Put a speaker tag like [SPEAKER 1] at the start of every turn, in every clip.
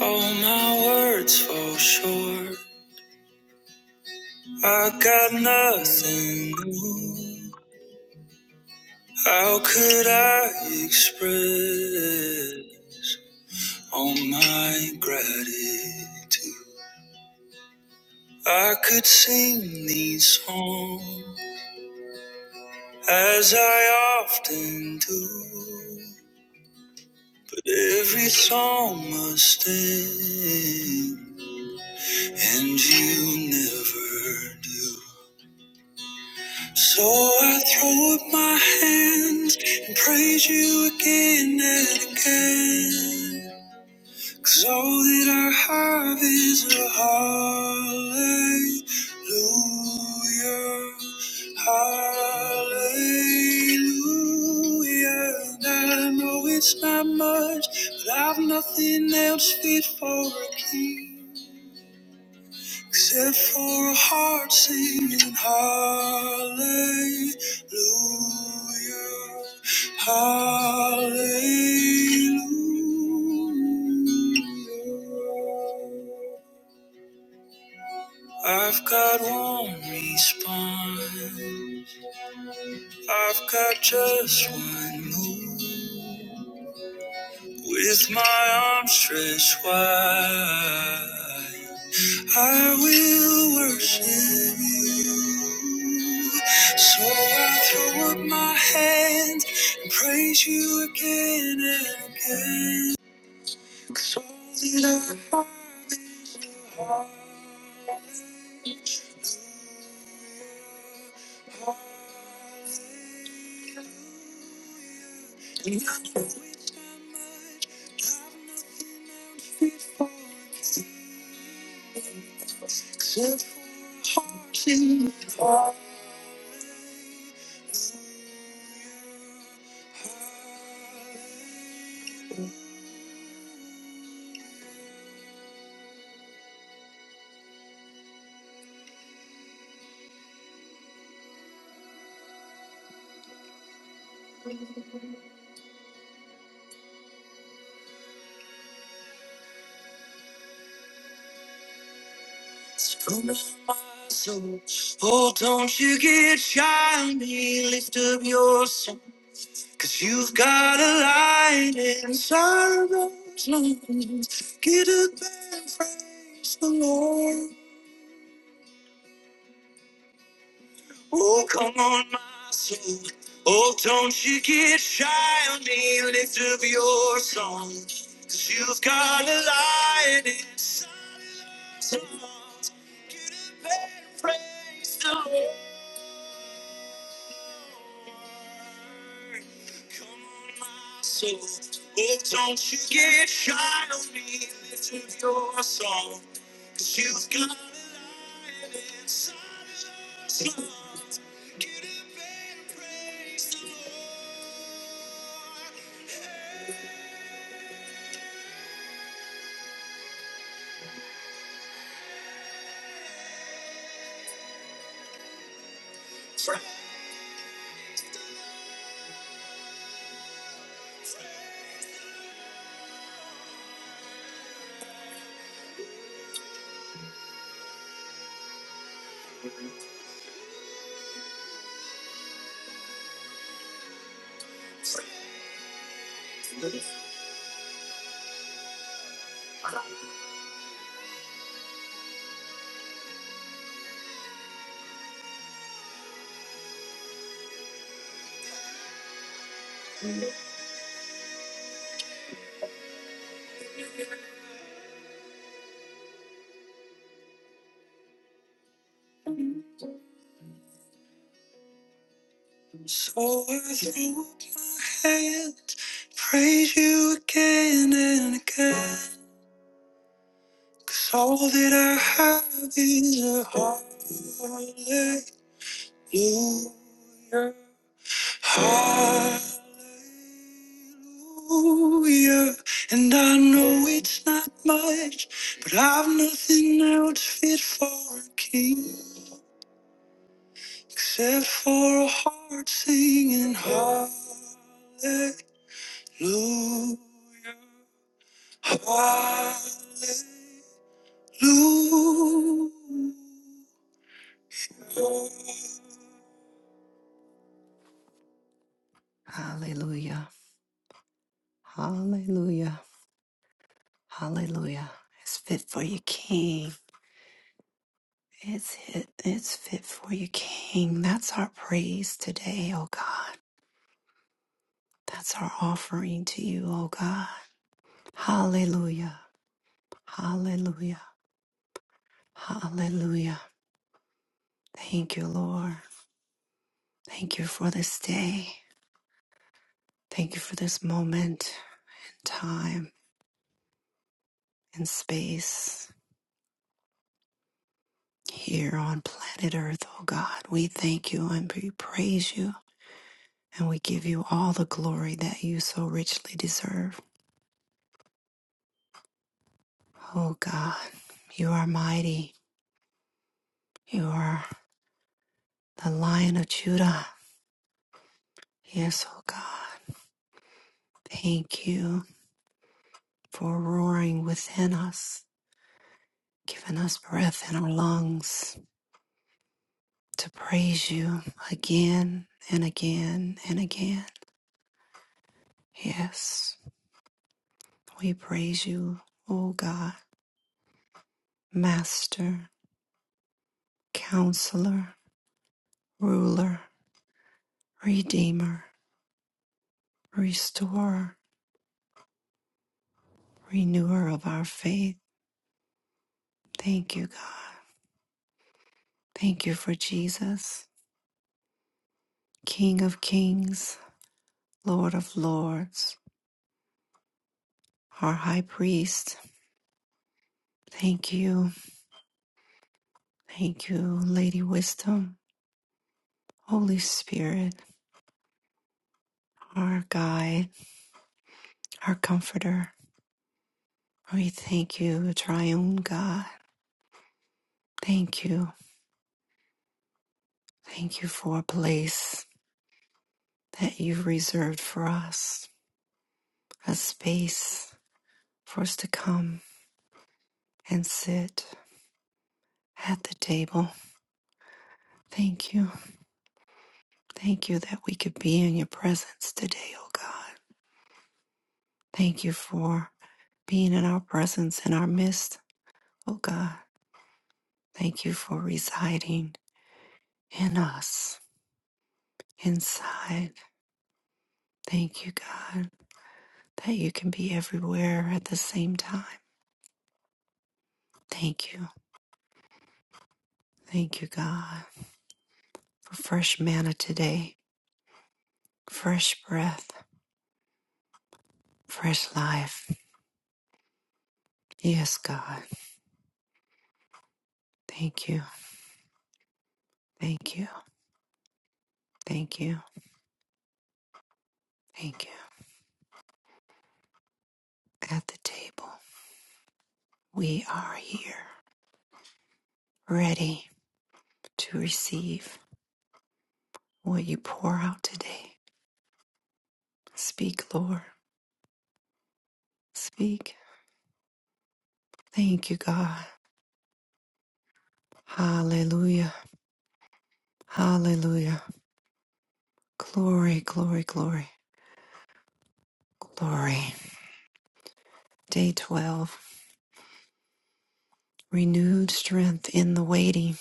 [SPEAKER 1] All my words fall short. I got nothing new. How could I express all my gratitude? I could sing these songs as I often do, but every song must end, and you never do. So I throw up my hands and praise you again and again. 'Cause all that I have is a hallelujah. Hallelujah. And I know it's not much, but I've nothing else fit for a king. Except for a heart singing hallelujah, hallelujah. I've got one response, I've got just one move. With my arms stretched wide, I will worship you. So I throw up my hands and praise you again and again. So that I find the hearts from my soul. Oh, don't you get shy on me, lift up your song. Cause you've got a light inside those lungs. Get up and praise the Lord. Oh, come on, my soul. Oh, don't you get shy on me. Lift up your song. you you've got a light inside those lungs. Get up and praise the Lord. Come on, my soul. Oh, don't you get shy on me. soul, she's got a lion inside of us. Come on, get up and praise the Lord. So I throw up my hands, praise You again and again, 'cause all that I have is a hallelujah. Hallelujah. And I know it's not much, but I've nothing else fit for a king except for a heart singing hallelujah. Hallelujah. Hallelujah. Hallelujah. Hallelujah. It's fit for you, King. It's fit, it's fit for you, King. That's our praise today, oh God. That's our offering to you, oh God. Hallelujah. Hallelujah. Hallelujah. Thank you, Lord. Thank you for this day. Thank you for this moment, time, and space here on planet Earth, oh God. We thank you and we praise you and we give you all the glory that you so richly deserve. Oh God, you are mighty. You are the Lion of Judah. Yes, oh God, thank you for roaring within us, giving us breath in our lungs to praise you again and again and again. Yes, we praise you, oh God, Master, Counselor, Ruler, Redeemer, Restorer, Renewer of our faith. Thank you, God. Thank you for Jesus, King of kings, Lord of lords, our high priest. Thank you. Thank you, Lady Wisdom, Holy Spirit, our guide, our comforter. We thank you, triune God. Thank you. Thank you for a place that you've reserved for us, a space for us to come and sit at the table. Thank you. Thank you that we could be in your presence today, oh God. Thank you for being in our presence in our midst, oh God. Thank you for residing in us, inside. Thank you, God, that you can be everywhere at the same time. Thank you. Thank you, God, for fresh manna today, fresh breath, fresh life. Yes, God. Thank you. Thank you. Thank you. Thank you. At the table, we are here. ready to receive what you pour out today. Speak, Lord. Speak. Thank you, God. Hallelujah. Hallelujah. Glory, glory, glory, glory. Day 12. Renewed strength in the waiting.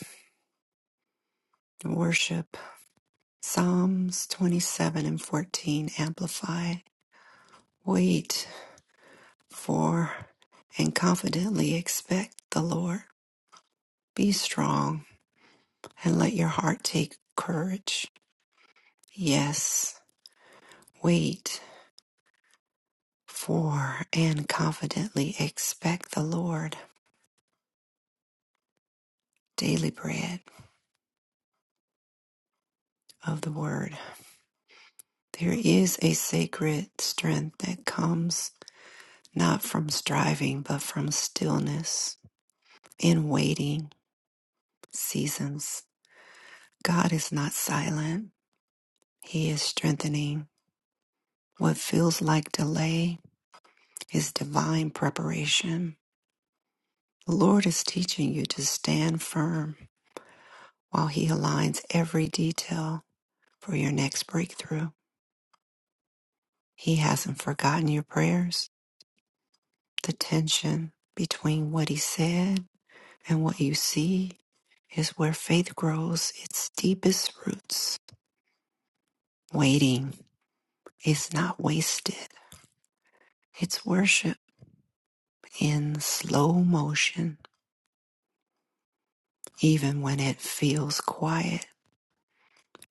[SPEAKER 1] Worship. Psalms 27 and 14 amplified. Wait for and confidently expect the Lord. Be strong and let your heart take courage Yes, wait for and confidently expect the Lord, daily bread of the word. There is a sacred strength that comes not from striving, but from stillness in waiting seasons. God is not silent, He is strengthening. What feels like delay is divine preparation. The Lord is teaching you to stand firm while He aligns every detail for your next breakthrough. He hasn't forgotten your prayers. The tension between what He said and what you see is where faith grows its deepest roots. Waiting is not wasted, it's worship in slow motion. Even when it feels quiet,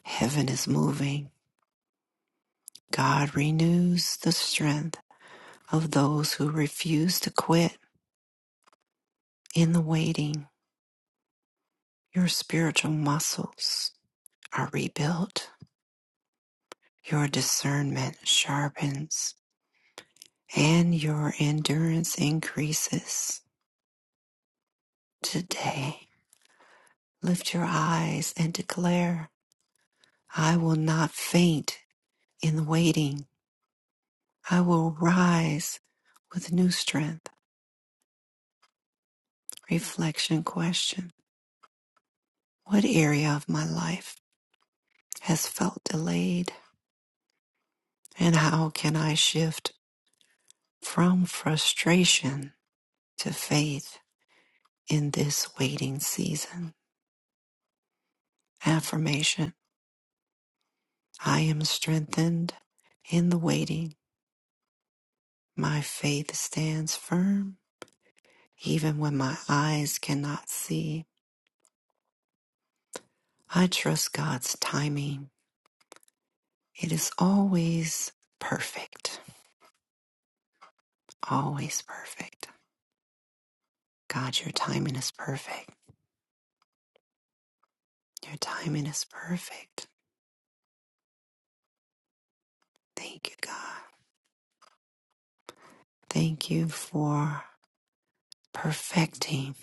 [SPEAKER 1] heaven is moving. God renews the strength of those who refuse to quit in the waiting. Your spiritual muscles are rebuilt, your discernment sharpens, and your endurance increases. Today, lift your eyes and declare, I will not faint in waiting. I will rise with new strength. Reflection question What area of my life has felt delayed, and how can I shift from frustration to faith in this waiting season? Affirmation I am strengthened in the waiting. My faith stands firm even when my eyes cannot see. I trust God's timing. It is always perfect. Always perfect. God, your timing is perfect. Your timing is perfect. Thank you, God. Thank you for perfecting.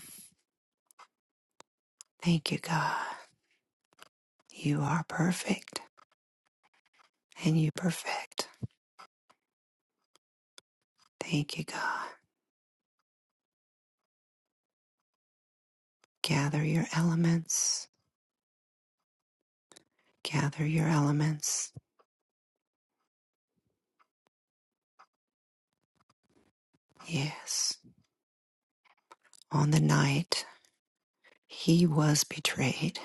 [SPEAKER 1] Thank you, God. You are perfect and you perfect. Thank you, God. Gather your elements. Gather your elements. Yes. On the night he was betrayed,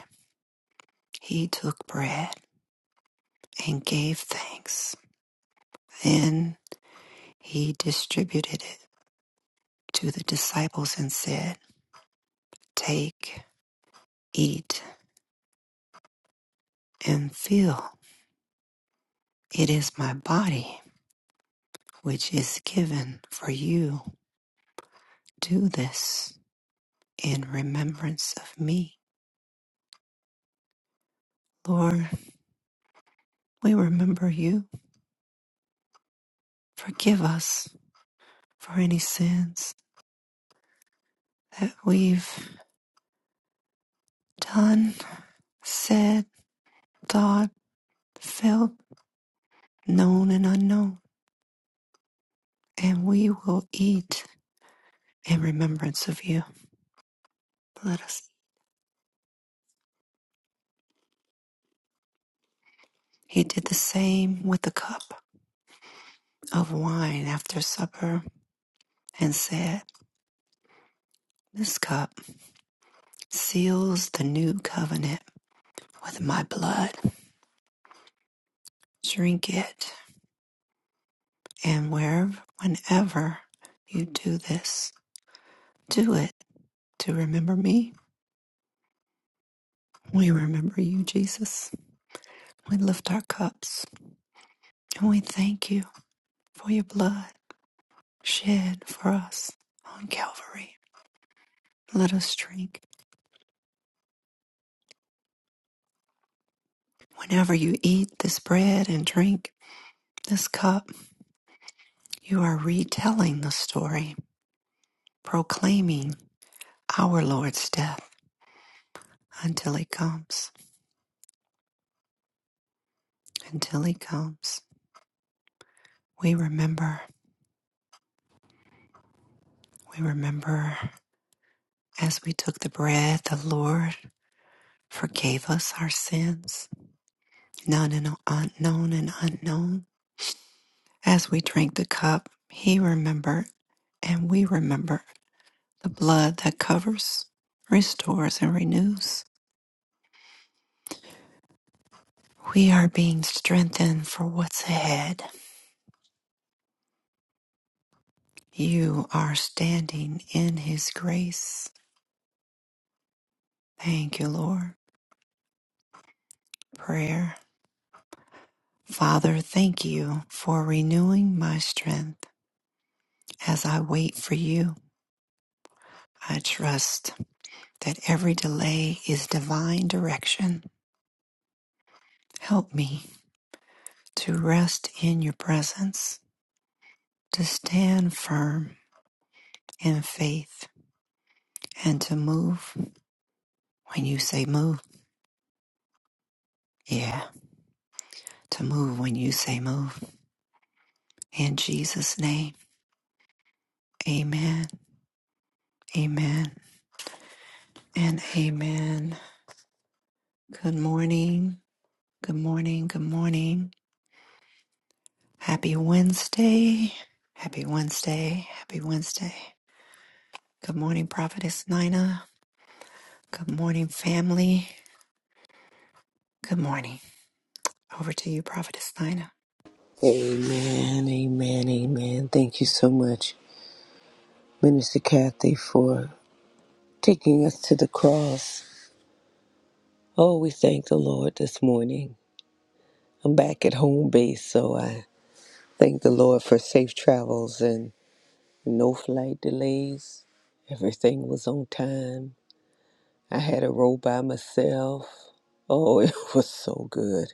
[SPEAKER 1] he took bread and gave thanks. Then he distributed it to the disciples and said, Take, eat, and fill. It is my body, which is given for you. Do this in remembrance of me. Lord, we remember you. Forgive us for any sins that we've done, said, thought, felt, known and unknown. And we will eat in remembrance of you. Let us. He did the same with the cup of wine after supper and said, This cup seals the new covenant with my blood. Drink it. And wherever, whenever you do this, do it to remember me. We remember you, Jesus. We lift our cups and we thank you for your blood shed for us on Calvary. Let us drink. Whenever you eat this bread and drink this cup, you are retelling the story, proclaiming our Lord's death until he comes, until he comes. We remember, we remember as we took the bread, the Lord forgave us our sins, known and unknown, and unknown. As we drink the cup, he remembered, and we remember the blood that covers, restores, and renews. We are being strengthened for what's ahead. You are standing in his grace. Thank you, Lord. Prayer. Father, thank you for renewing my strength as I wait for you. I trust that every delay is divine direction. Help me to rest in your presence to stand firm in faith and to move when you say move. Yeah, to move when you say move. In Jesus' name, amen, amen, and amen. Good morning, good morning, good morning. Happy Wednesday, happy Wednesday, happy Wednesday. Good morning, Prophetess Nina. Good morning, family. Good morning. Over to you, Prophetess Nina.
[SPEAKER 2] Amen, amen, amen. Thank you so much, Minister Kathy, for taking us to the cross. Oh, we thank the Lord this morning. I'm back at home base, so I thank the Lord for safe travels and no flight delays. Everything was on time. I had a row by myself. Oh, it was so good.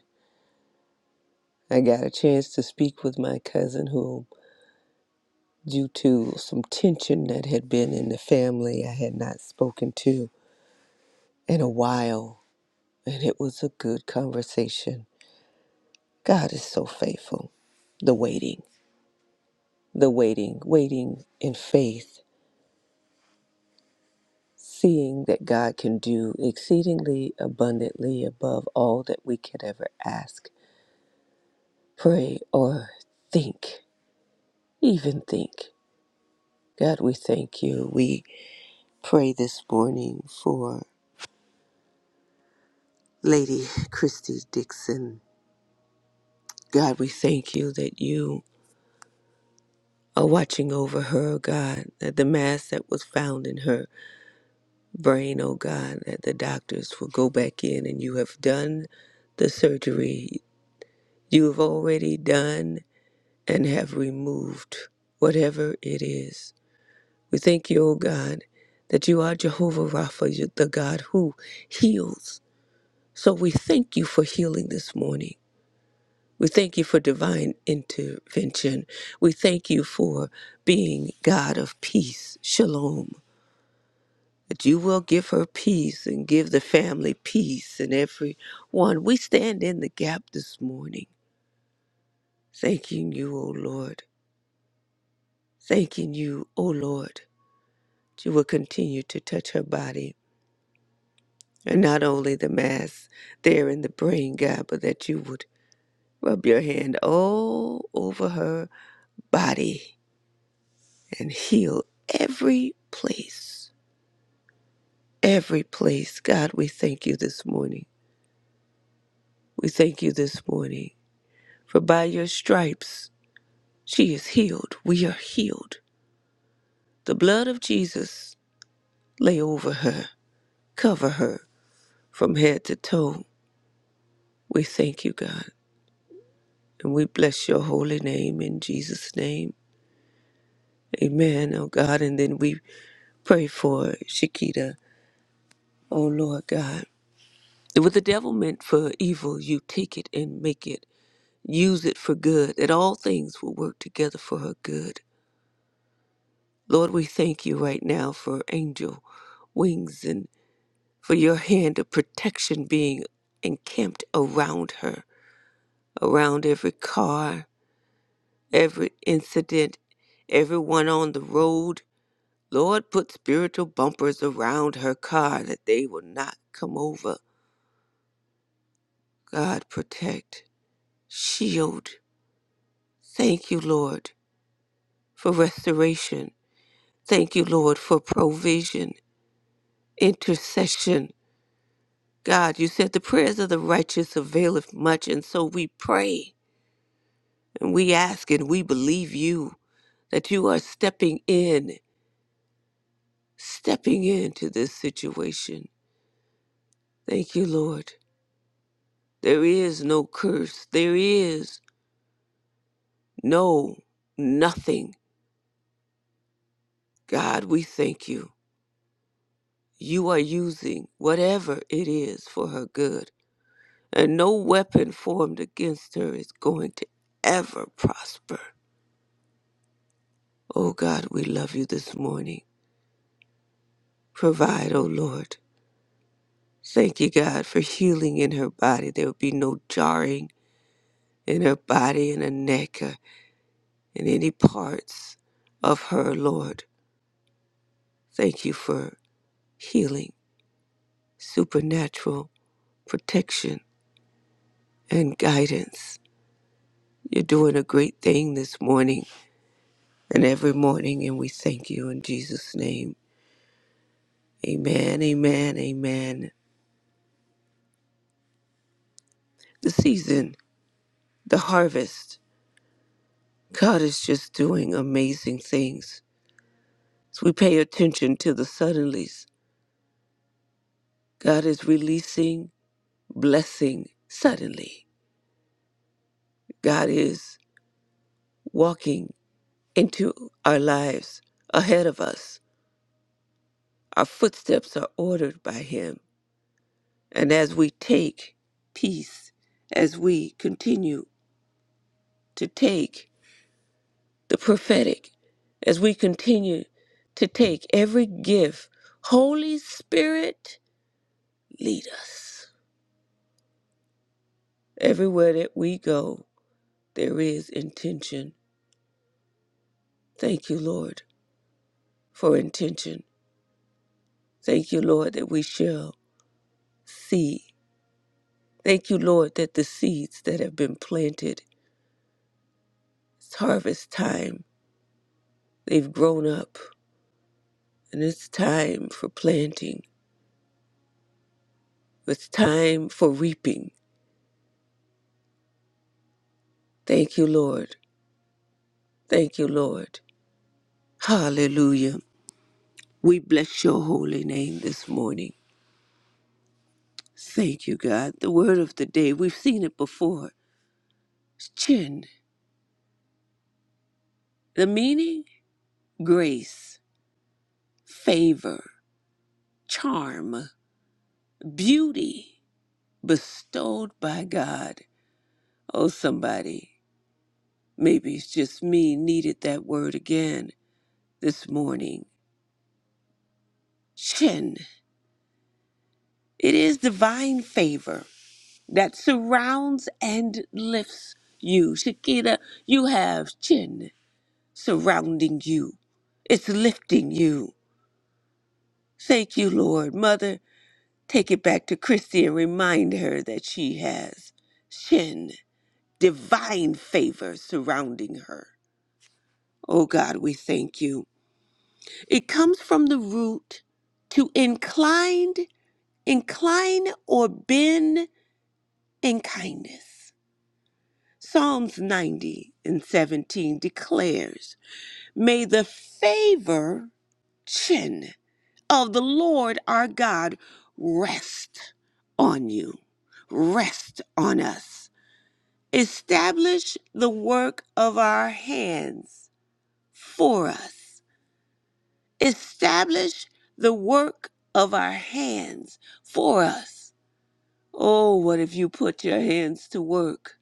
[SPEAKER 2] I got a chance to speak with my cousin who due to some tension that had been in the family I had not spoken to in a while, and it was a good conversation. God is so faithful. The waiting, the waiting, waiting in faith, seeing that God can do exceedingly abundantly above all that we could ever ask, pray, or think, even think. God, we thank you. We pray this morning for Lady Christy Dixon God, we thank you that you are watching over her, God, that the mass that was found in her brain, oh God, that the doctors will go back in and you have done the surgery. You have already done and have removed whatever it is. We thank you, oh God, that you are Jehovah Rapha, you- the God who heals. So we thank you for healing this morning. We thank you for divine intervention. We thank you for being God of peace, shalom, that you will give her peace and give the family peace and everyone. We stand in the gap this morning, thanking you, O Lord, thanking you, O Lord, that you will continue to touch her body and not only the mass there in the brain, God, but that you would rub your hand all over her body and heal every place, every place. God, we thank you this morning. We thank you this morning. For by your stripes, she is healed. We are healed. The blood of Jesus lay over her, cover her from head to toe. We thank you, God, and we bless your holy name in Jesus' name. Amen, oh God. And then we pray for Shakita, oh Lord God. What the devil meant for evil, you take it and make it use it for good, that all things will work together for her good. Lord, we thank you right now for angel wings and for your hand of protection being encamped around her, around every car, every incident, everyone on the road. Lord, put spiritual bumpers around her car that they will not come over. God, protect, shield. Thank you, Lord, for restoration. Thank you, Lord, for provision. intercession. God, you said the prayers of the righteous availeth much, and so we pray and we ask and we believe you that you are stepping in, stepping into this situation. Thank you, Lord. There is no curse, there is no nothing. God, we thank you. You are using whatever it is for her good, and no weapon formed against her is going to ever prosper. Oh God, we love you this morning. Provide, oh Lord. Thank you, God, for healing in her body. There will be no jarring in her body and her neck or in any parts of her, Lord. Thank you for healing, supernatural protection, and guidance. You're doing a great thing this morning and every morning, and we thank you in Jesus' name. Amen, amen, amen. The season, the harvest. God is just doing amazing things. As we pay attention to the suddenlies, God is releasing blessing suddenly. God is walking into our lives ahead of us. Our footsteps are ordered by Him. And as we take peace, as we continue to take the prophetic, as we continue to take every gift, Holy Spirit, lead us. Everywhere that we go, there is intention. Thank you, Lord, for intention. Thank you, Lord, that we shall see. Thank you, Lord, that the seeds that have been planted, it's harvest time. They've grown up, and it's time for planting. It's time for reaping. Thank you, Lord. Thank you, Lord. Hallelujah. We bless your holy name this morning. Thank you, God. The word of the day, we've seen it before. It's Chin. The meaning grace, favor, charm, beauty bestowed by God. Oh, somebody, maybe it's just me, needed that word again this morning. Chin. It is divine favor that surrounds and lifts you. Shakira, you have chin surrounding you, it's lifting you. Thank you, Lord. Mother, Take it back to Christy and remind her that she has Shin, divine favor surrounding her. Oh God, we thank you. It comes from the root to inclined, incline or bend in kindness. Psalms 90 and 17 declares, May the favor, Shin, of the Lord our God rest on you, rest on us. Establish the work of our hands for us. Establish the work of our hands for us. Oh, what if you put your hands to work?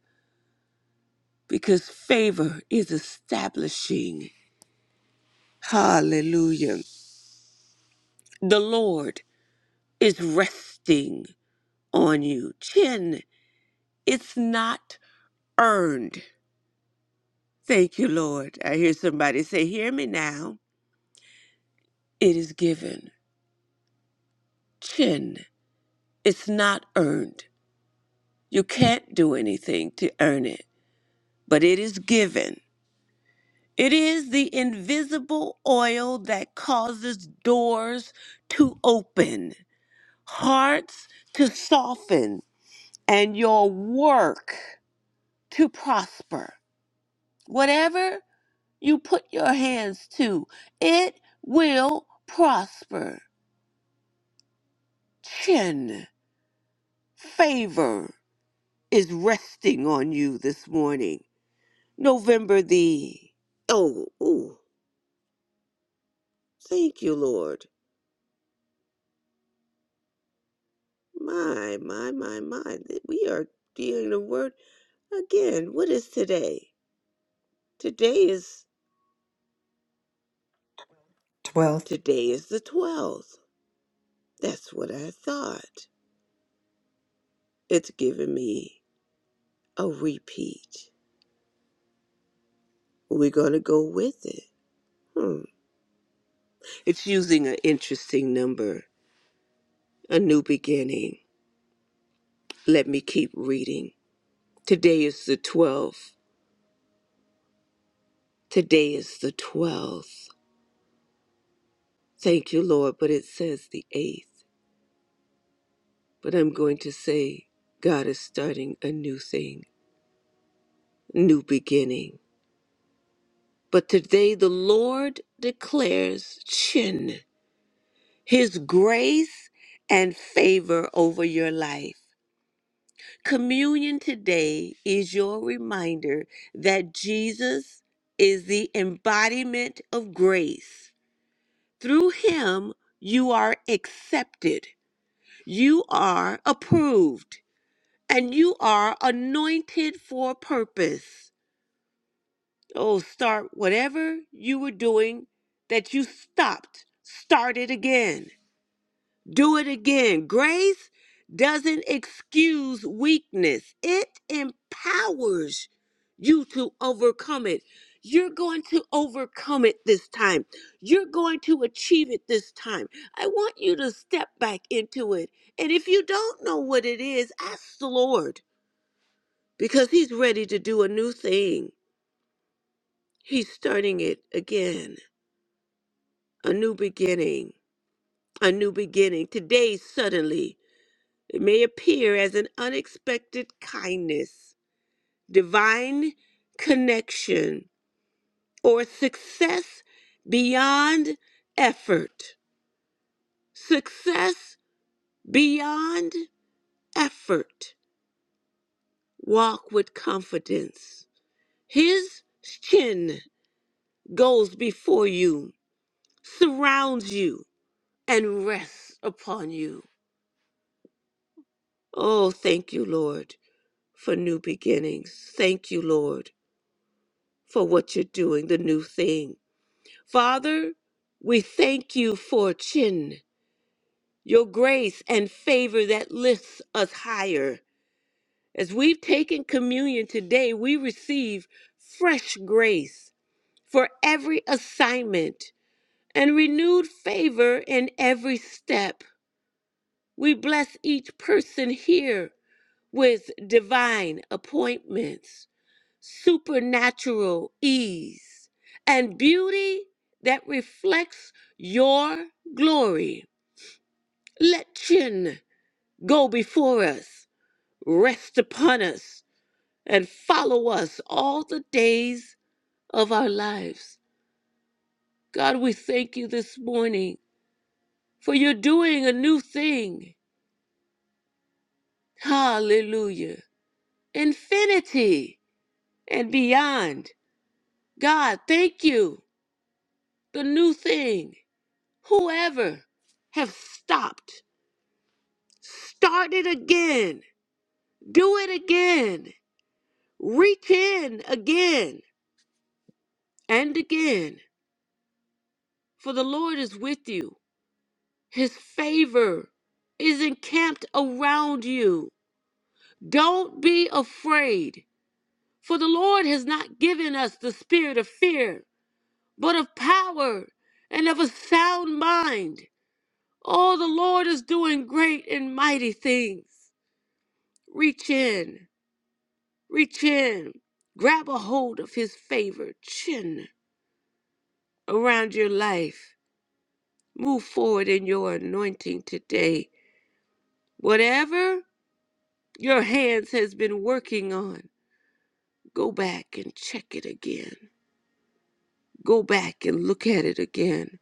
[SPEAKER 2] Because favor is establishing. Hallelujah. The Lord is resting on you. Chin, it's not earned. Thank you, Lord. I hear somebody say, Hear me now. It is given. Chin. It's not earned. You can't do anything to earn it, but it is given. It is the invisible oil that causes doors to open, hearts to soften, and your work to prosper. Whatever you put your hands to, it will prosper. Chin, favor is resting on you this morning November the oh ooh, thank you, Lord. My my my my, th- we are dealing the word again. What is today? Today is
[SPEAKER 1] 12th.
[SPEAKER 2] today is the twelfth. That's what I thought. It's giving me a repeat. We're gonna go with it. Hmm. It's using an interesting number, a new beginning. Let me keep reading. Today is the twelfth. Today is the twelfth. Thank you, Lord, but it says the 8th. But I'm going to say, God is starting a new thing, new beginning. But today the Lord declares chin, his grace and favor over your life. Communion today is your reminder that Jesus is the embodiment of grace. Through him, you are accepted, you are approved. and you are anointed for a purpose. Oh, start whatever you were doing that you stopped. Start it again. Do it again. Grace doesn't excuse weakness, it empowers you to overcome it. You're going to overcome it this time. You're going to achieve it this time. I want you to step back into it. And if you don't know what it is, ask the Lord because he's ready to do a new thing. He's starting it again, a new beginning, a new beginning. Today, suddenly, it may appear as an unexpected kindness, divine connection, or success beyond effort. Success beyond effort. Walk with confidence. His chin goes before you, surrounds you and rests upon you. Oh, thank you, Lord, for new beginnings. Thank you, Lord, for what you're doing, the new thing. Father, we thank you for Chin, your grace and favor that lifts us higher. As we've taken communion today, we receive fresh grace for every assignment and renewed favor in every step. We bless each person here with divine appointments, supernatural ease, and beauty that reflects your glory. Let chin go before us, rest upon us, and follow us all the days of our lives. God, we thank you this morning for you're doing a new thing. Hallelujah. Infinity and beyond. God, thank you the new thing, whoever have stopped, start it again, do it again, reach in again and again. For the Lord is with you, His favor is encamped around you. Don't be afraid, for the Lord has not given us the spirit of fear, but of power and of a sound mind. Oh, the Lord is doing great and mighty things. Reach in, reach in, grab a hold of his favor, chin around your life. Move forward in your anointing today. Whatever your hands has been working on, go back and check it again. Go back and look at it again,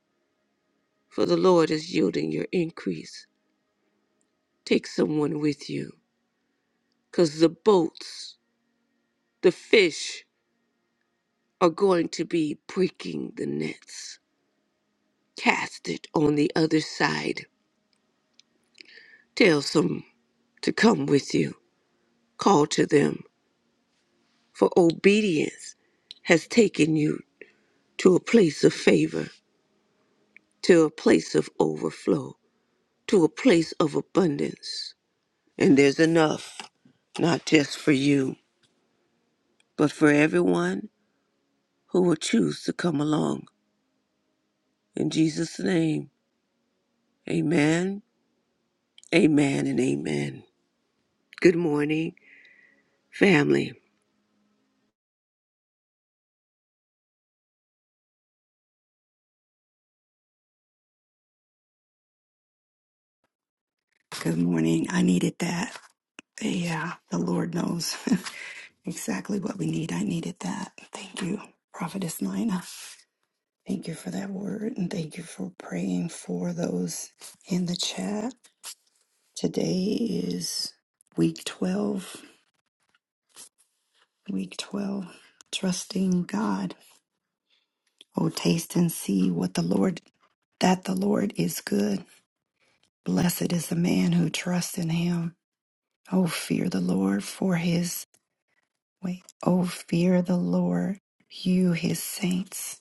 [SPEAKER 2] for the Lord is yielding your increase. Take someone with you, because the boats, the fish, are going to be breaking the nets. Cast it on the other side Tell some to come with you. Call to them, for obedience has taken you to a place of favor, to a place of overflow, to a place of abundance. And there's enough, not just for you, but for everyone who will choose to come along. In Jesus' name, amen, amen, and amen. Good morning, family.
[SPEAKER 1] Good morning. I needed that. Yeah, the Lord knows exactly what we need. I needed that. Thank you, Prophetess Nina. Thank you for that word and thank you for praying for those in the chat. Today is week 12. Week 12. Trusting God. Oh, taste and see what the Lord, that the Lord is good. Blessed is the man who trusts in him. Oh, fear the Lord for his, wait, oh, fear the Lord, you his saints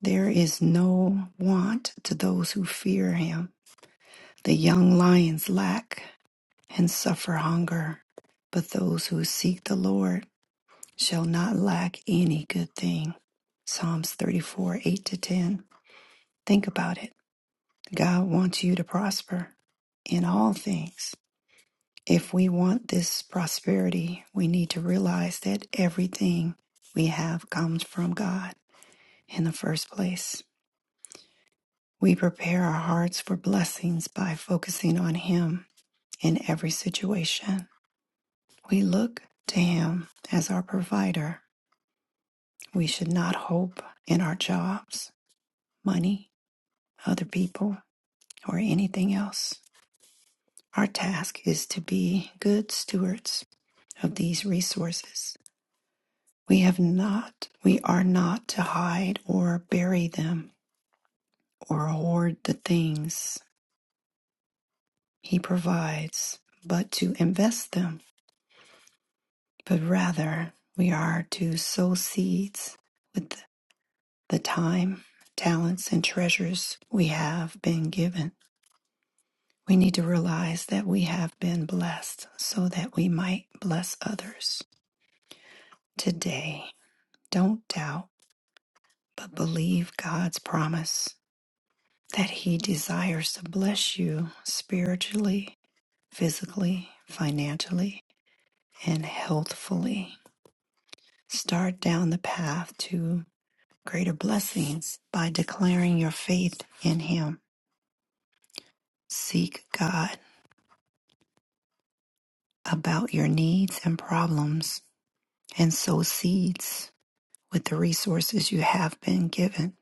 [SPEAKER 1] There is no want to those who fear him. The young lions lack and suffer hunger, but those who seek the Lord shall not lack any good thing. Psalms 34 8 to 10. Think about it. God wants you to prosper in all things. If we want this prosperity, we need to realize that everything we have comes from God in the first place. We prepare our hearts for blessings by focusing on Him in every situation. We look to Him as our provider. We should not hope in our jobs, money, other people, or anything else. Our task is to be good stewards of these resources. We have not, we are not to hide or bury them or hoard the things He provides, but to invest them but rather we are to sow seeds with the time, talents, and treasures we have been given. We need to realize that we have been blessed so that we might bless others. Today, don't doubt, but believe God's promise that He desires to bless you spiritually, physically, financially, and healthfully. Start down the path to. greater blessings by declaring your faith in Him. Seek God about your needs and problems and sow seeds with the resources you have been given.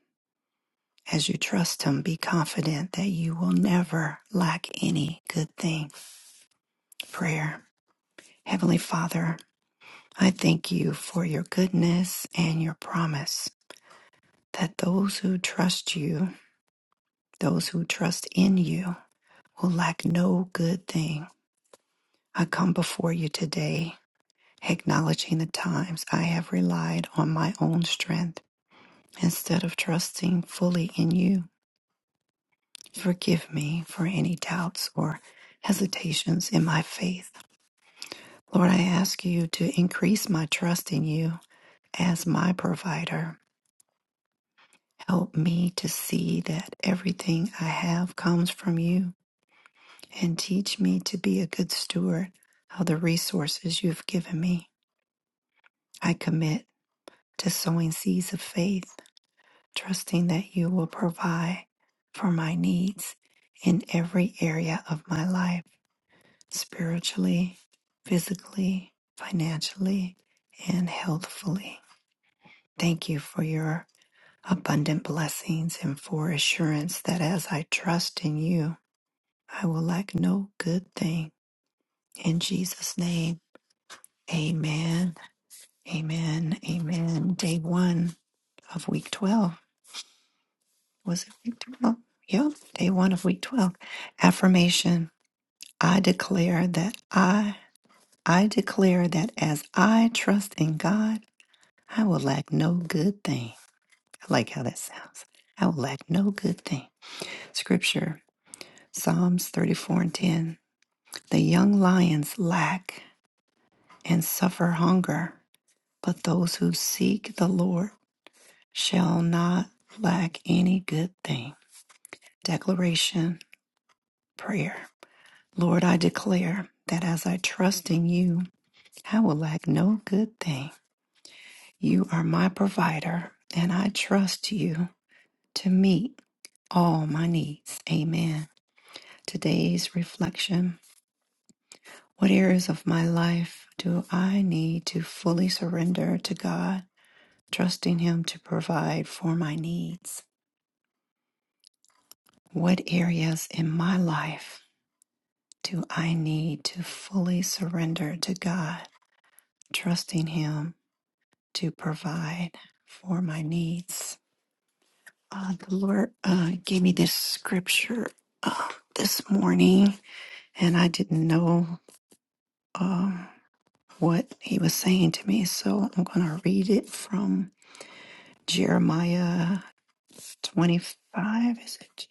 [SPEAKER 1] As you trust Him, be confident that you will never lack any good thing. Prayer. Heavenly Father, I thank you for your goodness and your promise that those who trust you, those who trust in you, will lack no good thing. I come before you today, acknowledging the times I have relied on my own strength instead of trusting fully in you. Forgive me for any doubts or hesitations in my faith. Lord, I ask you to increase my trust in you as my provider. Help me to see that everything I have comes from you and teach me to be a good steward of the resources you've given me. I commit to sowing seeds of faith trusting that you will provide for my needs in every area of my life spiritually, physically, financially, and healthfully. Thank you for your abundant blessings and for assurance that as I trust in you, I will lack no good thing. In Jesus' name, amen. Amen. Amen. Day one of week 12. Was it week 12? Yep, day one of week 12. Affirmation I declare that I, I declare that as I trust in God, I will lack no good thing. I like how that sounds. I will lack no good thing. Scripture Psalms 34 and 10. The young lions lack and suffer hunger, but those who seek the Lord shall not lack any good thing. Declaration, prayer. Lord, I declare that as I trust in you, I will lack no good thing. You are my provider, and I trust you to meet all my needs. Amen. Today's reflection What areas of my life do I need to fully surrender to God, trusting Him to provide for my needs? What areas in my life do I need to fully surrender to God, trusting Him? to provide for my needs. Uh, the Lord uh, gave me this scripture uh, this morning, and I didn't know um, what He was saying to me. So I'm going to read it from Jeremiah 25. Is it?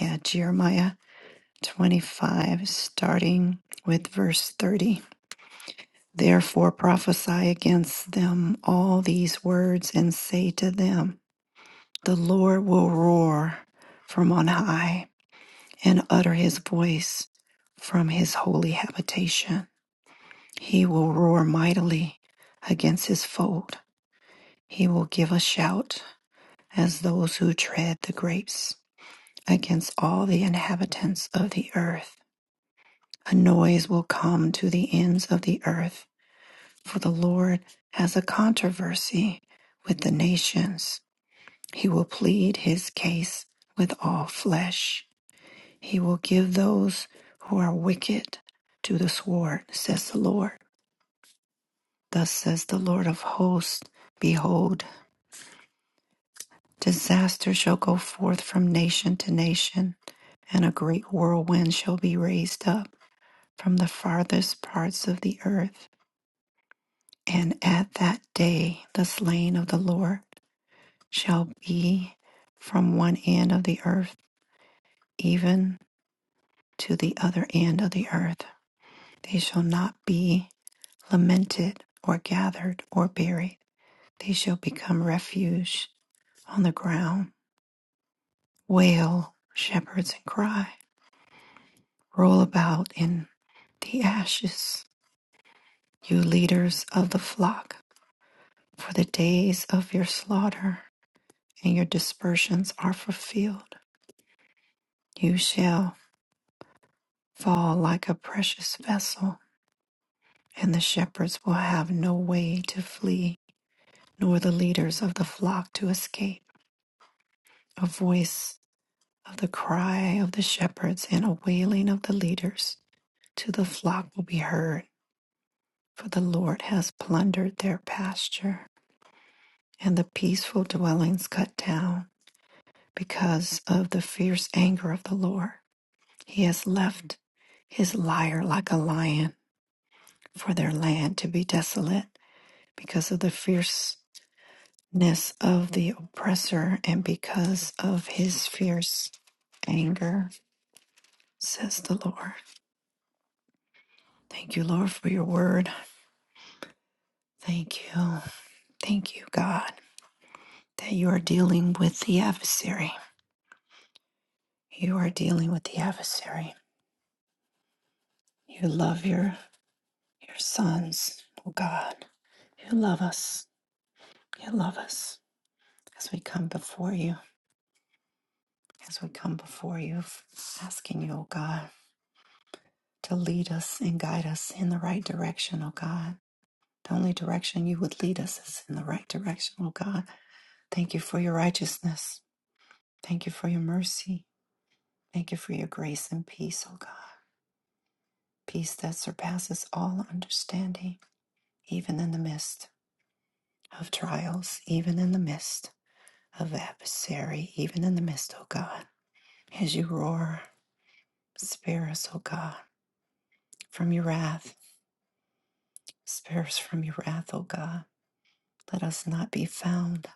[SPEAKER 1] Yeah, Jeremiah 25, starting with verse 30. Therefore prophesy against them all these words and say to them, The Lord will roar from on high and utter his voice from his holy habitation. He will roar mightily against his foe. He will give a shout as those who tread the grapes against all the inhabitants of the earth. A noise will come to the ends of the earth, for the Lord has a controversy with the nations He will plead his case with all flesh. He will give those who are wicked to the sword, says the Lord. Thus says the Lord of hosts Behold, disaster shall go forth from nation to nation, and a great whirlwind shall be raised up from the farthest parts of the earth. And at that day the slain of the Lord shall be from one end of the earth, even to the other end of the earth. They shall not be lamented or gathered or buried. They shall become refuge on the ground. Wail, shepherds, and cry. Roll about in the ashes, you leaders of the flock, for the days of your slaughter and your dispersions are fulfilled. You shall fall like a precious vessel, and the shepherds will have no way to flee. nor the leaders of the flock to escape a voice of the cry of the shepherds and a wailing of the leaders to the flock will be heard for the lord has plundered their pasture and the peaceful dwellings cut down because of the fierce anger of the lord he has left his lyre like a lion for their land to be desolate because of the fierceness of the oppressor and because of his fierce anger says the Lord. Thank you, Lord, for your word. Thank you. Thank you, God, that you are dealing with the adversary. You are dealing with the adversary. You love your your sons, oh God. You love us. You love us. As we come before you, as we come before you, asking you, oh God, to lead us and guide us in the right direction, oh God. The only direction you would lead us is in the right direction, oh God. Thank you for your righteousness. Thank you for your mercy. Thank you for your grace and peace, O God. Peace that surpasses all understanding, even in the midst of trials, even in the midst of adversary, even in the midst, O God. As you roar, spare us, O God, from your wrath. Spare us from your wrath, O God. Let us not be found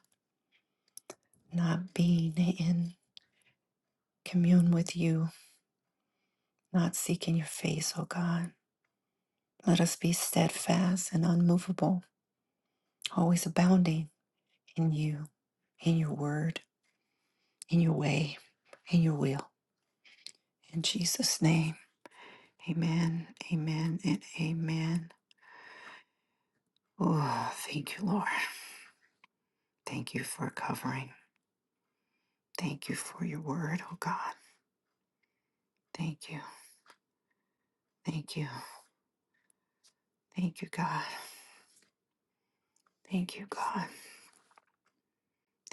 [SPEAKER 1] not being in commune with you, not seeking your face, O God. Let us be steadfast and unmovable, always abounding in you, in your word, in your way, in your will. In Jesus' name, amen, amen, and amen. Oh, thank you, Lord. Thank you for covering. Thank you for your word, oh God. Thank you, thank you, thank you, God. Thank you, God.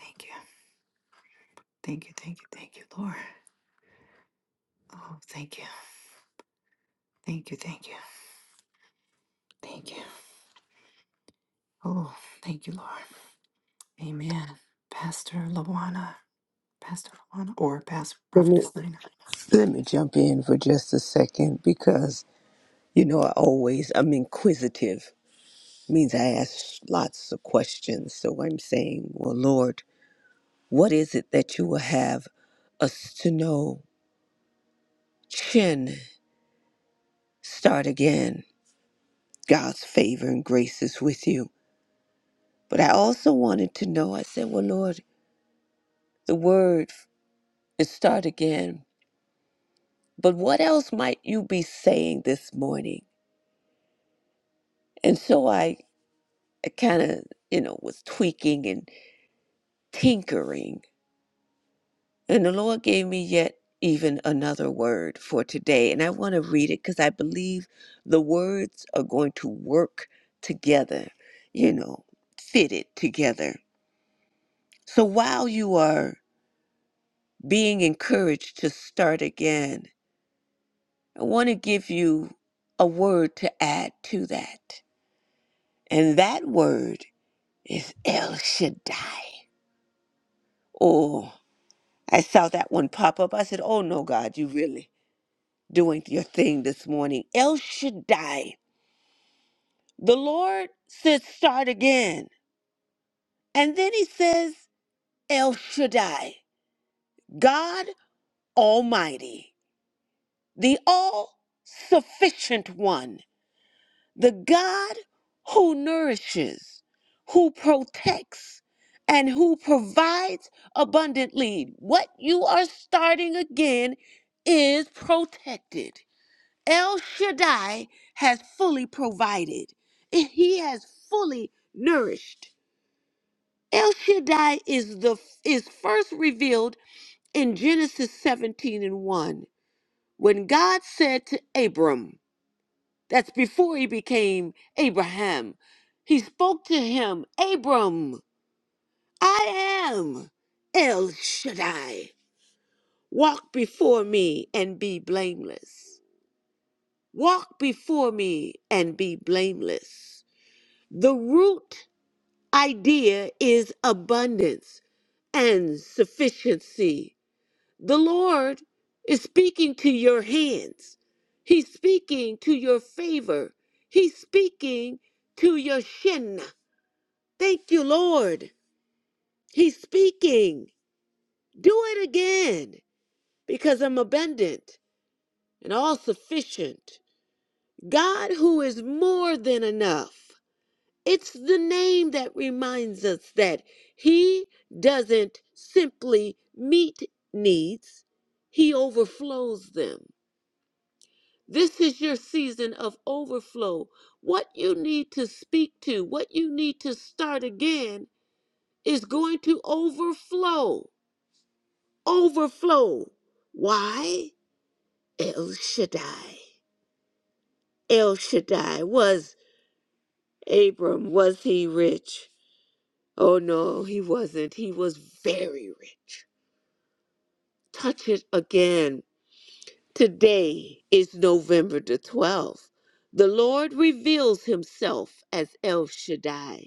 [SPEAKER 1] Thank you, thank you, thank you, thank you, Lord. Oh, thank you, thank you, thank you, thank you. Oh, thank you, Lord. Amen. Pastor Lawana, Pastor Lawana, or Pastor
[SPEAKER 2] Let me,
[SPEAKER 1] Prophetess Lina.
[SPEAKER 2] let me jump in for just a second because You know, I always, I'm inquisitive, means I ask lots of questions. So I'm saying, well, Lord, what is it that you will have us to know? Chin, start again. God's favor and grace is with you. But I also wanted to know, I said, well, Lord, the word is start again. But what else might you be saying this morning? And so I, I kind of, you know, was tweaking and tinkering And the Lord gave me yet even another word for today. And I want to read it because I believe the words are going to work together, you know, fitted together. So while you are being encouraged to start again, I want to give you a word to add to that. And that word is El Shaddai. Oh, I saw that one pop up. I said, Oh no, God, you really. doing your thing this morning. El Shaddai. The Lord said, start again. And then he says, El Shaddai, God Almighty, the all sufficient one, the God who nourishes, who protects, and who provides abundantly. What you are starting again is protected. El Shaddai has fully provided. He has fully nourished. El Shaddai is the is first revealed in Genesis 17 and 1 when God said to Abram, that's before he became Abraham, he spoke to him, Abram, I am El Shaddai. Walk before me and be blameless. Walk before me and be blameless. The root idea is abundance and sufficiency. The Lord is speaking to your hands, He's speaking to your favor, He's speaking to your shin. Thank you, Lord. He's speaking. Do it again because I'm abundant and all sufficient. God, who is more than enough. It's the name that reminds us that He doesn't simply meet needs, He overflows them. This is your season of overflow. What you need to speak to, what you need to start again, is going to overflow. Overflow. Why? El Shaddai. El Shaddai. Was Abram, was he rich? Oh no, he wasn't. He was very rich. touch it again. Today is November the 12th. The Lord reveals himself as El Shaddai,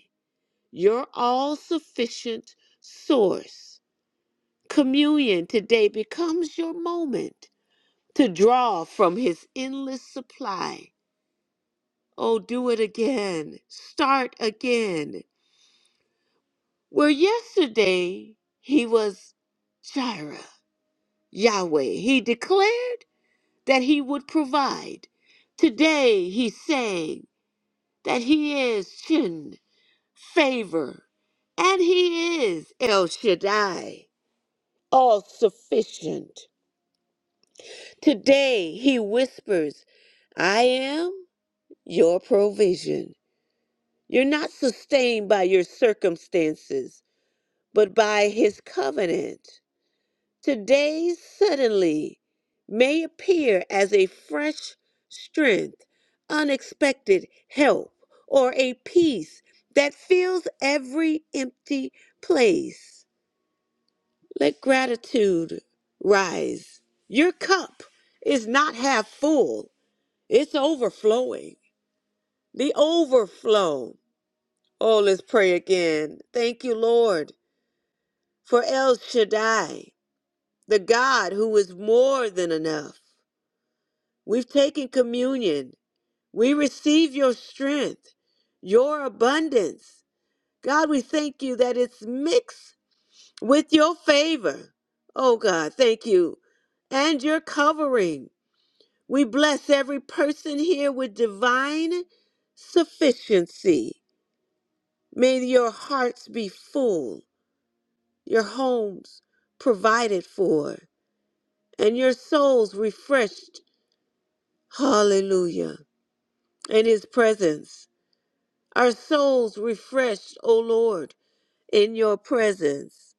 [SPEAKER 2] your all sufficient source. Communion today becomes your moment to draw from his endless supply. Oh, do it again. Start again. Where yesterday he was Jireh, Yahweh, he declared. that he would provide. Today he sang that he is Shin, favor, and he is El Shaddai, all sufficient. Today he whispers, I am your provision. You're not sustained by your circumstances, but by his covenant. Today suddenly may appear as a fresh strength, unexpected help, or a peace that fills every empty place. Let gratitude rise. Your cup is not half full, it's overflowing. The overflow. Oh, let's pray again. Thank you, Lord, for El Shaddai, the God who is more than enough. We've taken communion. We receive your strength, your abundance. God, we thank you that it's mixed with your favor. Oh, God, thank you. And your covering. We bless every person here with divine sufficiency. May your hearts be full, your homes provided for, and your souls refreshed. Hallelujah. In his presence. Our souls refreshed, O Lord, in your presence.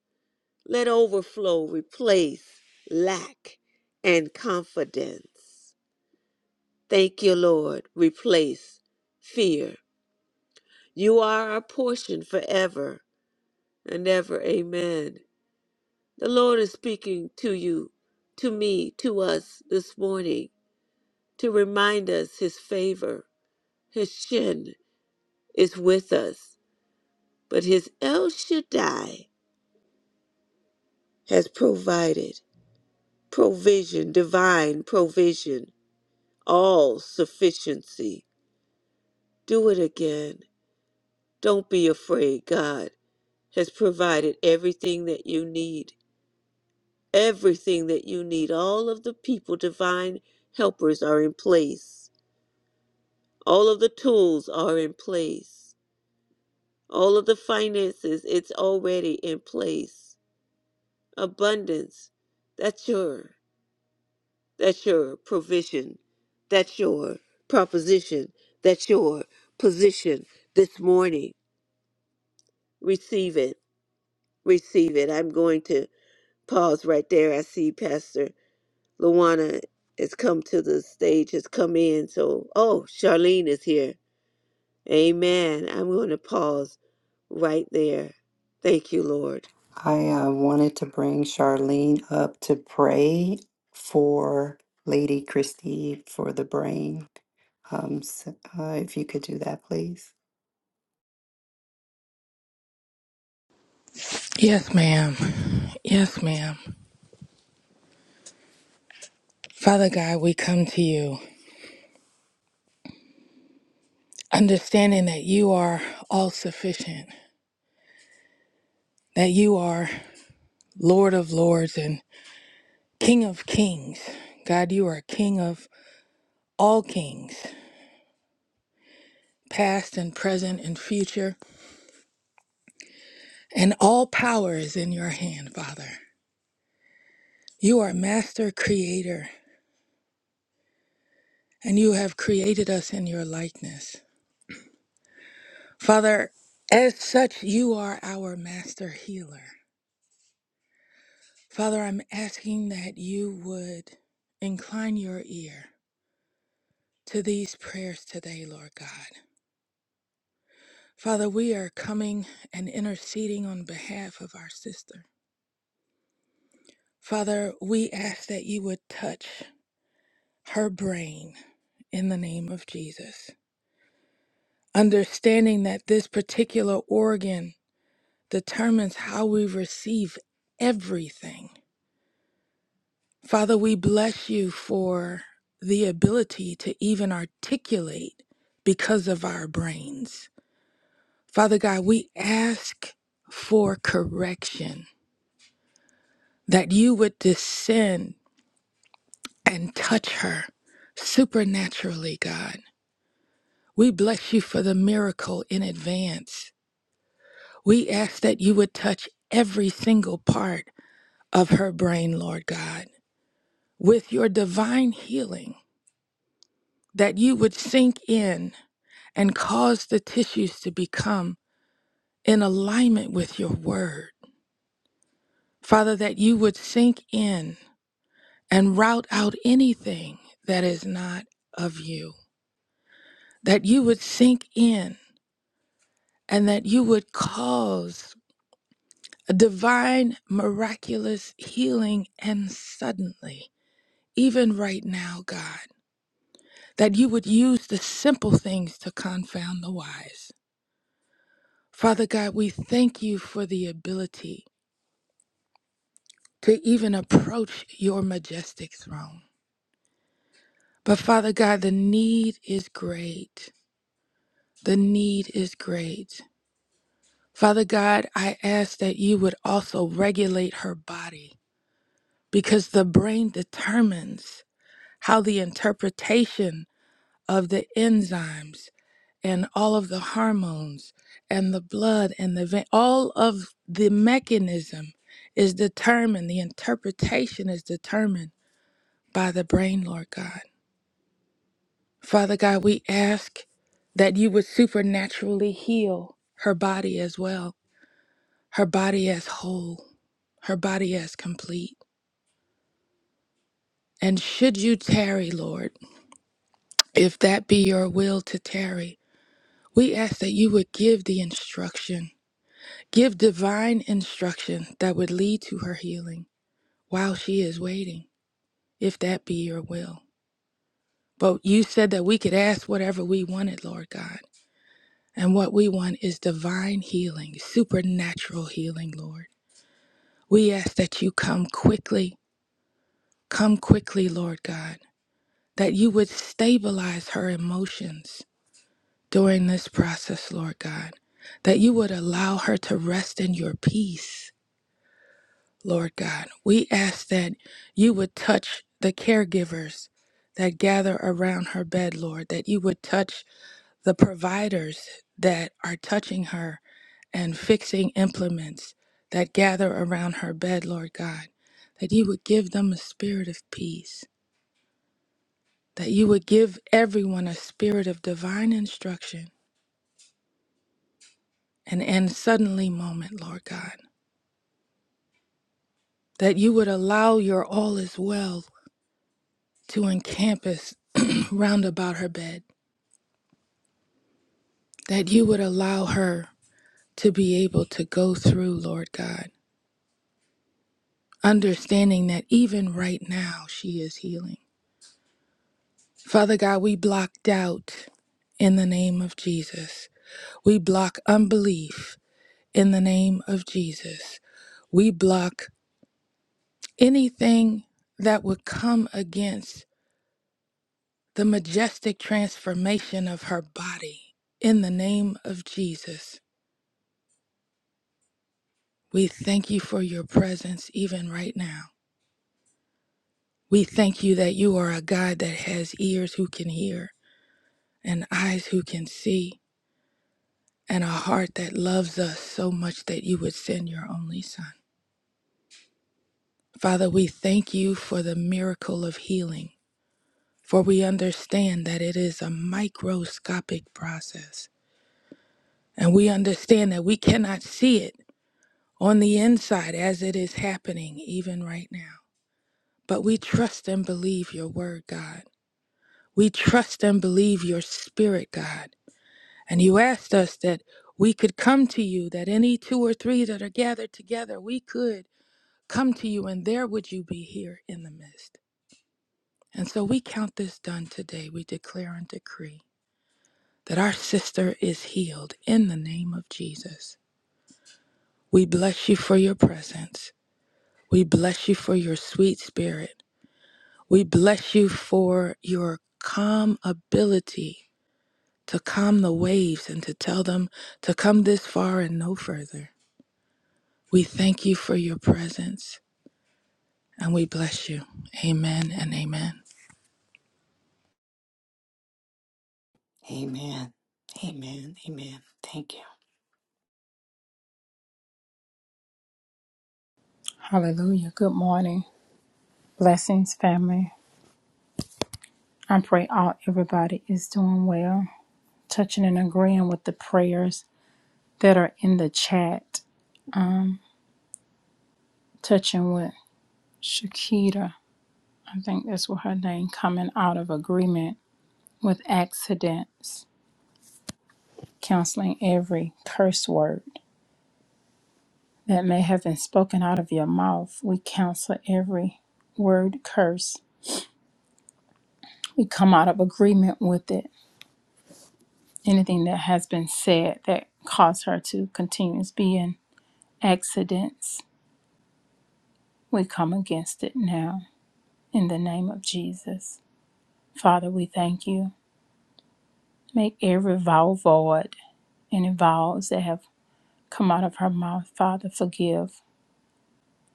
[SPEAKER 2] Let overflow replace lack and confidence. Thank you, Lord. Replace fear. You are our portion forever and ever. Amen. The Lord is speaking to you, to me, to us this morning to remind us his favor. His shin is with us, but his El Shaddai has provided. provision, divine provision, all sufficiency. Do it again. Don't be afraid. God has provided everything that you need. Everything that you need. All of the people, divine helpers are in place. All of the tools are in place. All of the finances, it's already in place. Abundance, that's yours. That's your provision. That's your proposition. That's your position this morning. Receive it. Receive it. I'm going to pause right there. I see Pastor Luana has come to the stage, has come in. So, oh, Charlene is here. Amen. I'm going to pause right there. Thank you, Lord.
[SPEAKER 1] I uh, wanted to bring Charlene up to pray for Lady Christie for the brain. Um, so, uh, if you could do that, please.
[SPEAKER 3] Yes, ma'am. Yes, ma'am. Father God, we come to you, understanding that you are all sufficient, that you are Lord of lords and King of kings. God, you are King of all kings, past and present and future, and all power is in your hand, Father. You are Master Creator, and you have created us in your likeness. Father, as such, you are our Master Healer. Father, I'm asking that you would incline your ear to these prayers today, Lord God. Father, we are coming and interceding on behalf of our sister. Father, we ask that you would touch her brain in the name of Jesus, understanding that this particular organ determines how we receive everything. Father, we bless you for the ability to even articulate because of our brains. Father God, we ask for correction, that you would descend and touch her supernaturally, God. We bless you for the miracle in advance. We ask that you would touch every single part of her brain, Lord God, with your divine healing, that you would sink in and cause the tissues to become in alignment with your word. Father, that you would sink in and rout out anything that is not of you, that you would sink in and that you would cause a divine, miraculous healing and suddenly, even right now, God, that you would use the simple things to confound the wise. Father God, we thank you for the ability to even approach your majestic throne. But Father God, the need is great. The need is great. Father God, I ask that you would also regulate her body because the brain determines how the interpretation of the enzymes and all of the hormones and the blood and the vein, all of the mechanism is determined, the interpretation is determined by the brain, Lord God. Father God, we ask that you would supernaturally heal her body as well, her body as whole, her body as complete. And should you tarry, Lord, if that be your will to tarry, we ask that you would give the instruction, give divine instruction that would lead to her healing while she is waiting, if that be your will. But you said that we could ask whatever we wanted, Lord God. And what we want is divine healing, supernatural healing, Lord. We ask that you come quickly, come quickly, Lord God, that you would stabilize her emotions during this process, Lord God, that you would allow her to rest in your peace, Lord God. We ask that you would touch the caregivers that gather around her bed, Lord, that you would touch the providers that are touching her and fixing implements that gather around her bed, Lord God, that you would give them a spirit of peace, that you would give everyone a spirit of divine instruction and and suddenly moment, Lord God, that you would allow your all is well to encompass round about her bed, that you would allow her to be able to go through, Lord God understanding that even right now she is healing. Father God, we block doubt in the name of Jesus. We block unbelief in the name of Jesus. We block anything that would come against the majestic transformation of her body in the name of Jesus. We thank you for your presence even right now. We thank you that you are a God that has ears who can hear and eyes who can see and a heart that loves us so much that you would send your only Son. Father, we thank you for the miracle of healing, for we understand that it is a microscopic process, and we understand that we cannot see it on the inside as it is happening even right now. But we trust and believe your word, God. We trust and believe your spirit, God. And you asked us that we could come to you, that any two or three that are gathered together, we could. come to you, and there would you be here in the midst. And so we count this done today. We declare and decree that our sister is healed in the name of Jesus. We bless you for your presence. We bless you for your sweet spirit. We bless you for your calm ability to calm the waves and to tell them to come this far and no further. We thank you for your presence and we bless you. Amen and amen.
[SPEAKER 1] Amen. Amen. Amen. Thank you.
[SPEAKER 4] Hallelujah. Good morning. Blessings, family. I pray all everybody is doing well. Touching and agreeing with the prayers that are in the chat. Touching with Shakita. I think that's what her name coming out of agreement with accidents. Counseling every curse word that may have been spoken out of your mouth. We counsel every word curse. We come out of agreement with it anything that has been said that caused her to continue to be in accidents. We come against it now in the name of Jesus. Father, we thank you. Make every vow void, any vows that have come out of her mouth, Father, forgive.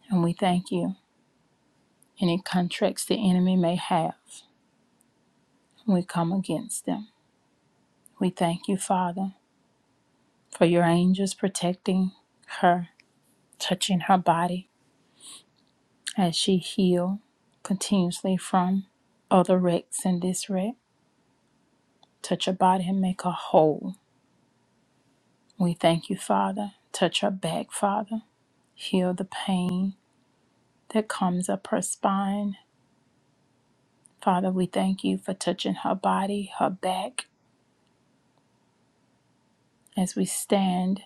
[SPEAKER 4] And we thank you. Any contracts the enemy may have, we come against them. We thank you, Father, for your angels protecting her, touching her body, as she heal continuously from other wrecks and this wreck. Touch her body and make her whole. We thank you, Father. Touch her back, Father. Heal the pain that comes up her spine. Father, we thank you for touching her body, her back, as we stand,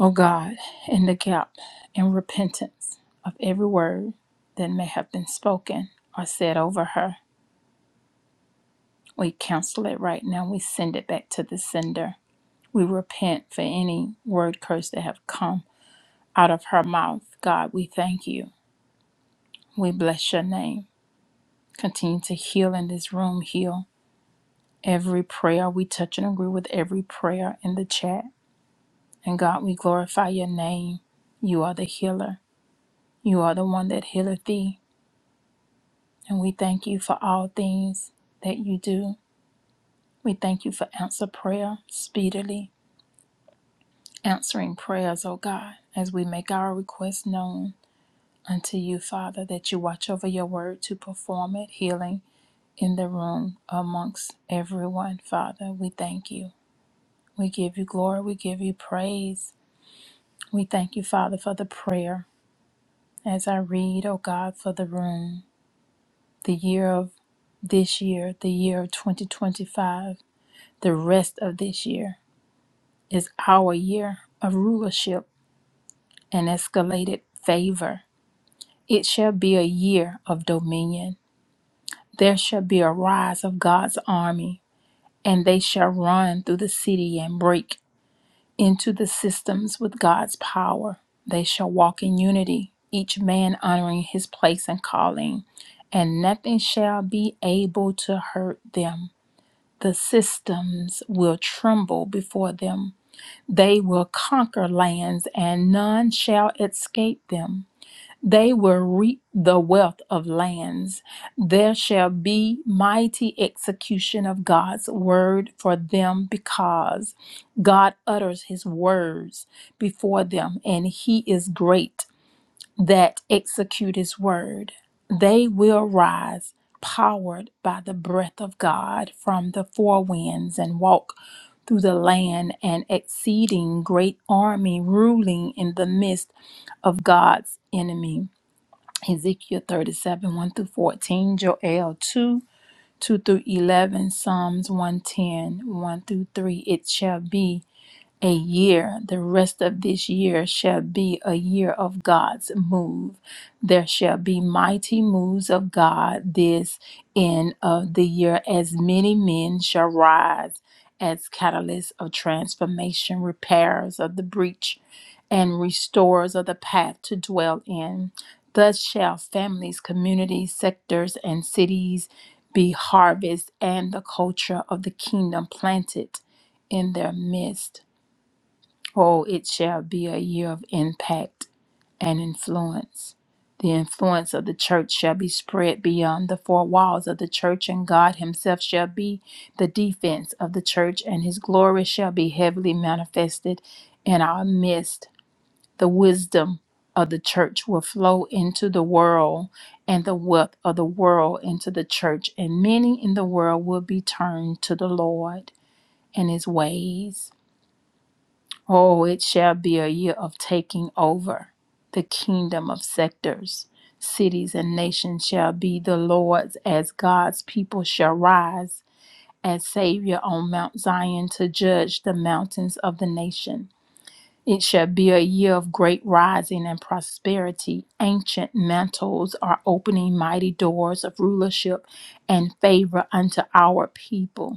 [SPEAKER 4] oh God, in the gap in repentance of every word that may have been spoken or said over her. We cancel it right now. We send it back to the sender We repent for any word curse that have come out of her mouth. God, we thank you. We bless your name. Continue to heal in this room, heal every prayer. We touch and agree with every prayer in the chat. And God, we glorify your name. You are the healer. You are the one that healeth thee. And we thank you for all things that you do. We thank you for answer prayer speedily, answering prayers, O God, as we make our requests known. unto you, Father, that you watch over your word to perform it, healing in the room amongst everyone, Father. We thank you. We give you glory. We give you praise. We thank you, Father, for the prayer. As I read, O God, for the room, the year of this year, the year of 2025, the rest of this year is our year of rulership and escalated favor. It shall be a year of dominion There shall be a rise of God's army, and they shall run through the city and break into the systems with God's power. They shall walk in unity, each man honoring his place and calling, and nothing shall be able to hurt them. The systems will tremble before them. They will conquer lands, and none shall escape them. They will reap the wealth of lands. There shall be mighty execution of God's word for them because God utters his words before them and he is great that execute his word. They will rise powered by the breath of God from the four winds and walk through the land an exceeding great army ruling in the midst of God's enemy. Ezekiel 37, 1 through 14, Joel 2, 2 through 11, Psalms 110, through 3. It shall be a year, the rest of this year shall be a year of God's move. There shall be mighty moves of God this end of the year, as many men shall rise as catalysts of transformation, repairers of the breach, and restorers of the path to dwell in. Thus shall families, communities, sectors, and cities be harvest and the culture of the kingdom planted in their midst. Oh, it shall be a year of impact and influence. The influence of the church shall be spread beyond the four walls of the church, and God Himself shall be the defense of the church, and His glory shall be heavily manifested in our midst. The wisdom of the church will flow into the world, and the wealth of the world into the church, and many in the world will be turned to the Lord and His ways. Oh, it shall be a year of taking over the kingdom of sectors. Cities and nations shall be the Lord's, as God's people shall rise as Savior on Mount Zion to judge the mountains of the nation. It shall be a year of great rising and prosperity. Ancient mantles are opening mighty doors of rulership and favor unto our people.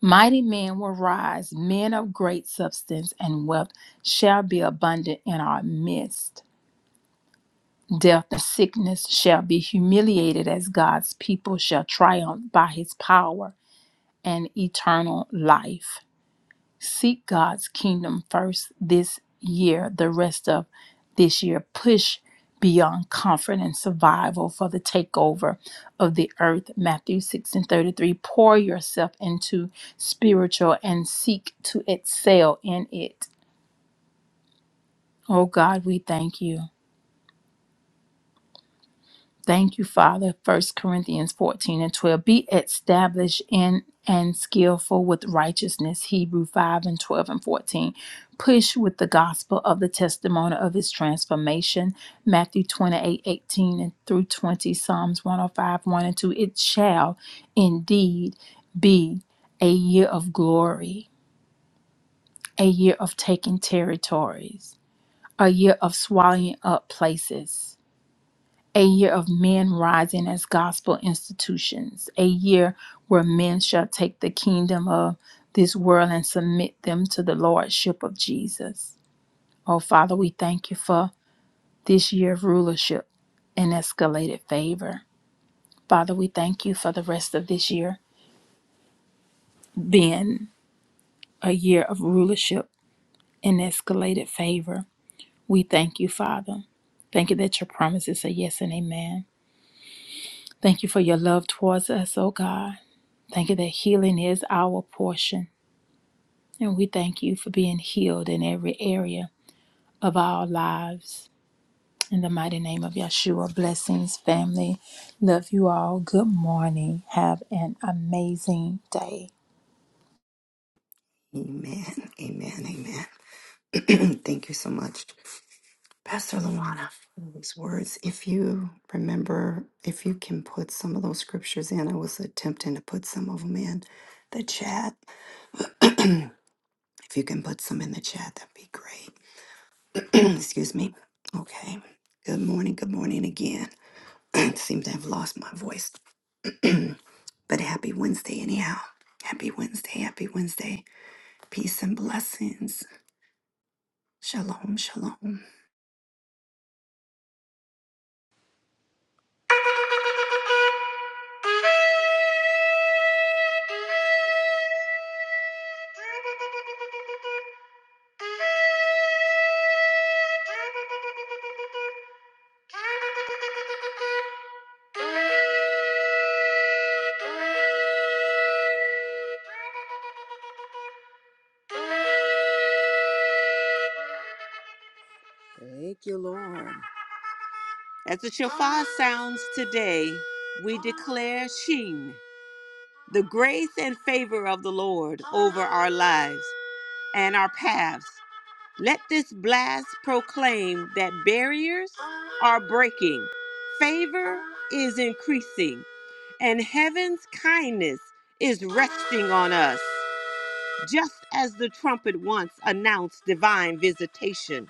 [SPEAKER 4] Mighty men will rise, men of great substance and wealth shall be abundant in our midst. Death and sickness shall be humiliated as God's people shall triumph by his power and eternal life. Seek God's kingdom first this year, the rest of this year. Push beyond comfort and survival for the takeover of the earth. Matthew 6 and 33. Pour yourself into spiritual and seek to excel in it. Oh God, we thank you. Thank you, Father. First Corinthians 14 and 12. Be established in and skillful with righteousness. Hebrew 5 and 12 and 14. Push with the gospel of the testimony of his transformation. Matthew 28 18 and through 20. Psalms 105 1 and 2. It shall indeed be a year of glory, a year of taking territories, a year of swallowing up places a year of men rising as gospel institutions, a year where men shall take the kingdom of this world and submit them to the lordship of Jesus. Oh, Father, we thank you for this year of rulership and escalated favor. Father, we thank you for the rest of this year being a year of rulership and escalated favor. We thank you, Father. Thank you that your promises are yes and amen. Thank you for your love towards us, oh God. Thank you that healing is our portion. And we thank you for being healed in every area of our lives. In the mighty name of Yeshua, blessings, family. Love you all. Good morning. Have an amazing day.
[SPEAKER 1] Amen. Amen. Amen. Thank you so much, Pastor Luana, for those words. If you remember, if you can put some of those scriptures in, I was attempting to put some of them in the chat. if you can put some in the chat, that'd be great. Excuse me. Okay. Good morning. Good morning again. Seems to have lost my voice. but happy Wednesday, anyhow. Happy Wednesday. Happy Wednesday. Peace and blessings. Shalom. Shalom.
[SPEAKER 2] Thank you, Lord. As the shofar sounds today, we declare Sheen, the grace and favor of the Lord over our lives and our paths. Let this blast proclaim that barriers are breaking, favor is increasing, and heaven's kindness is resting on us. Just as the trumpet once announced divine visitation,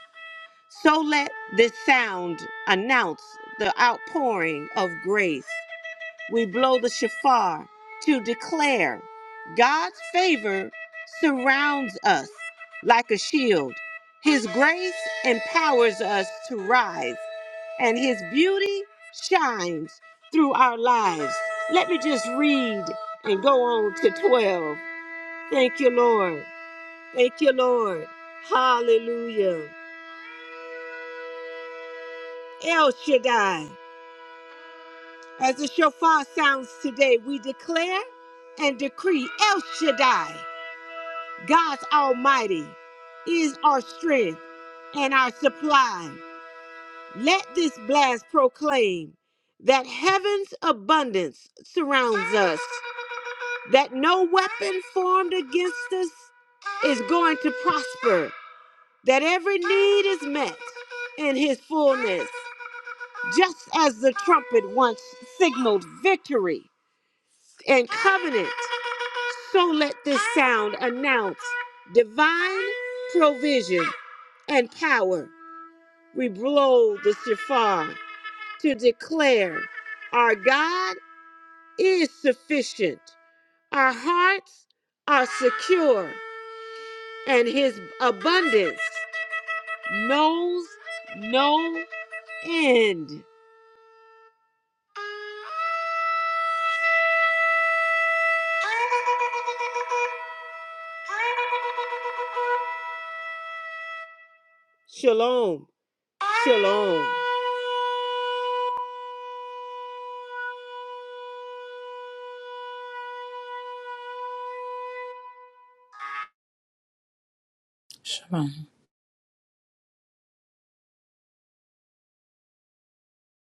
[SPEAKER 2] so let this sound announce the outpouring of grace we blow the shofar to declare God's favor surrounds us like a shield. His grace empowers us to rise, and His beauty shines through our lives. Let me just read and go on to 12. Thank you, Lord. Thank you, Lord. Hallelujah. El Shaddai. As the shofar sounds today, we declare and decree El Shaddai. God's Almighty is our strength and our supply. Let this blast proclaim that heaven's abundance surrounds us, that no weapon formed against us is going to prosper, that every need is met in his fullness, just as the trumpet once signaled victory and covenant. So let this sound announce divine provision and power. We blow the shofar to declare our God is sufficient. Our hearts are secure, and his abundance knows no end. Shalom. Shalom.
[SPEAKER 4] Shalom.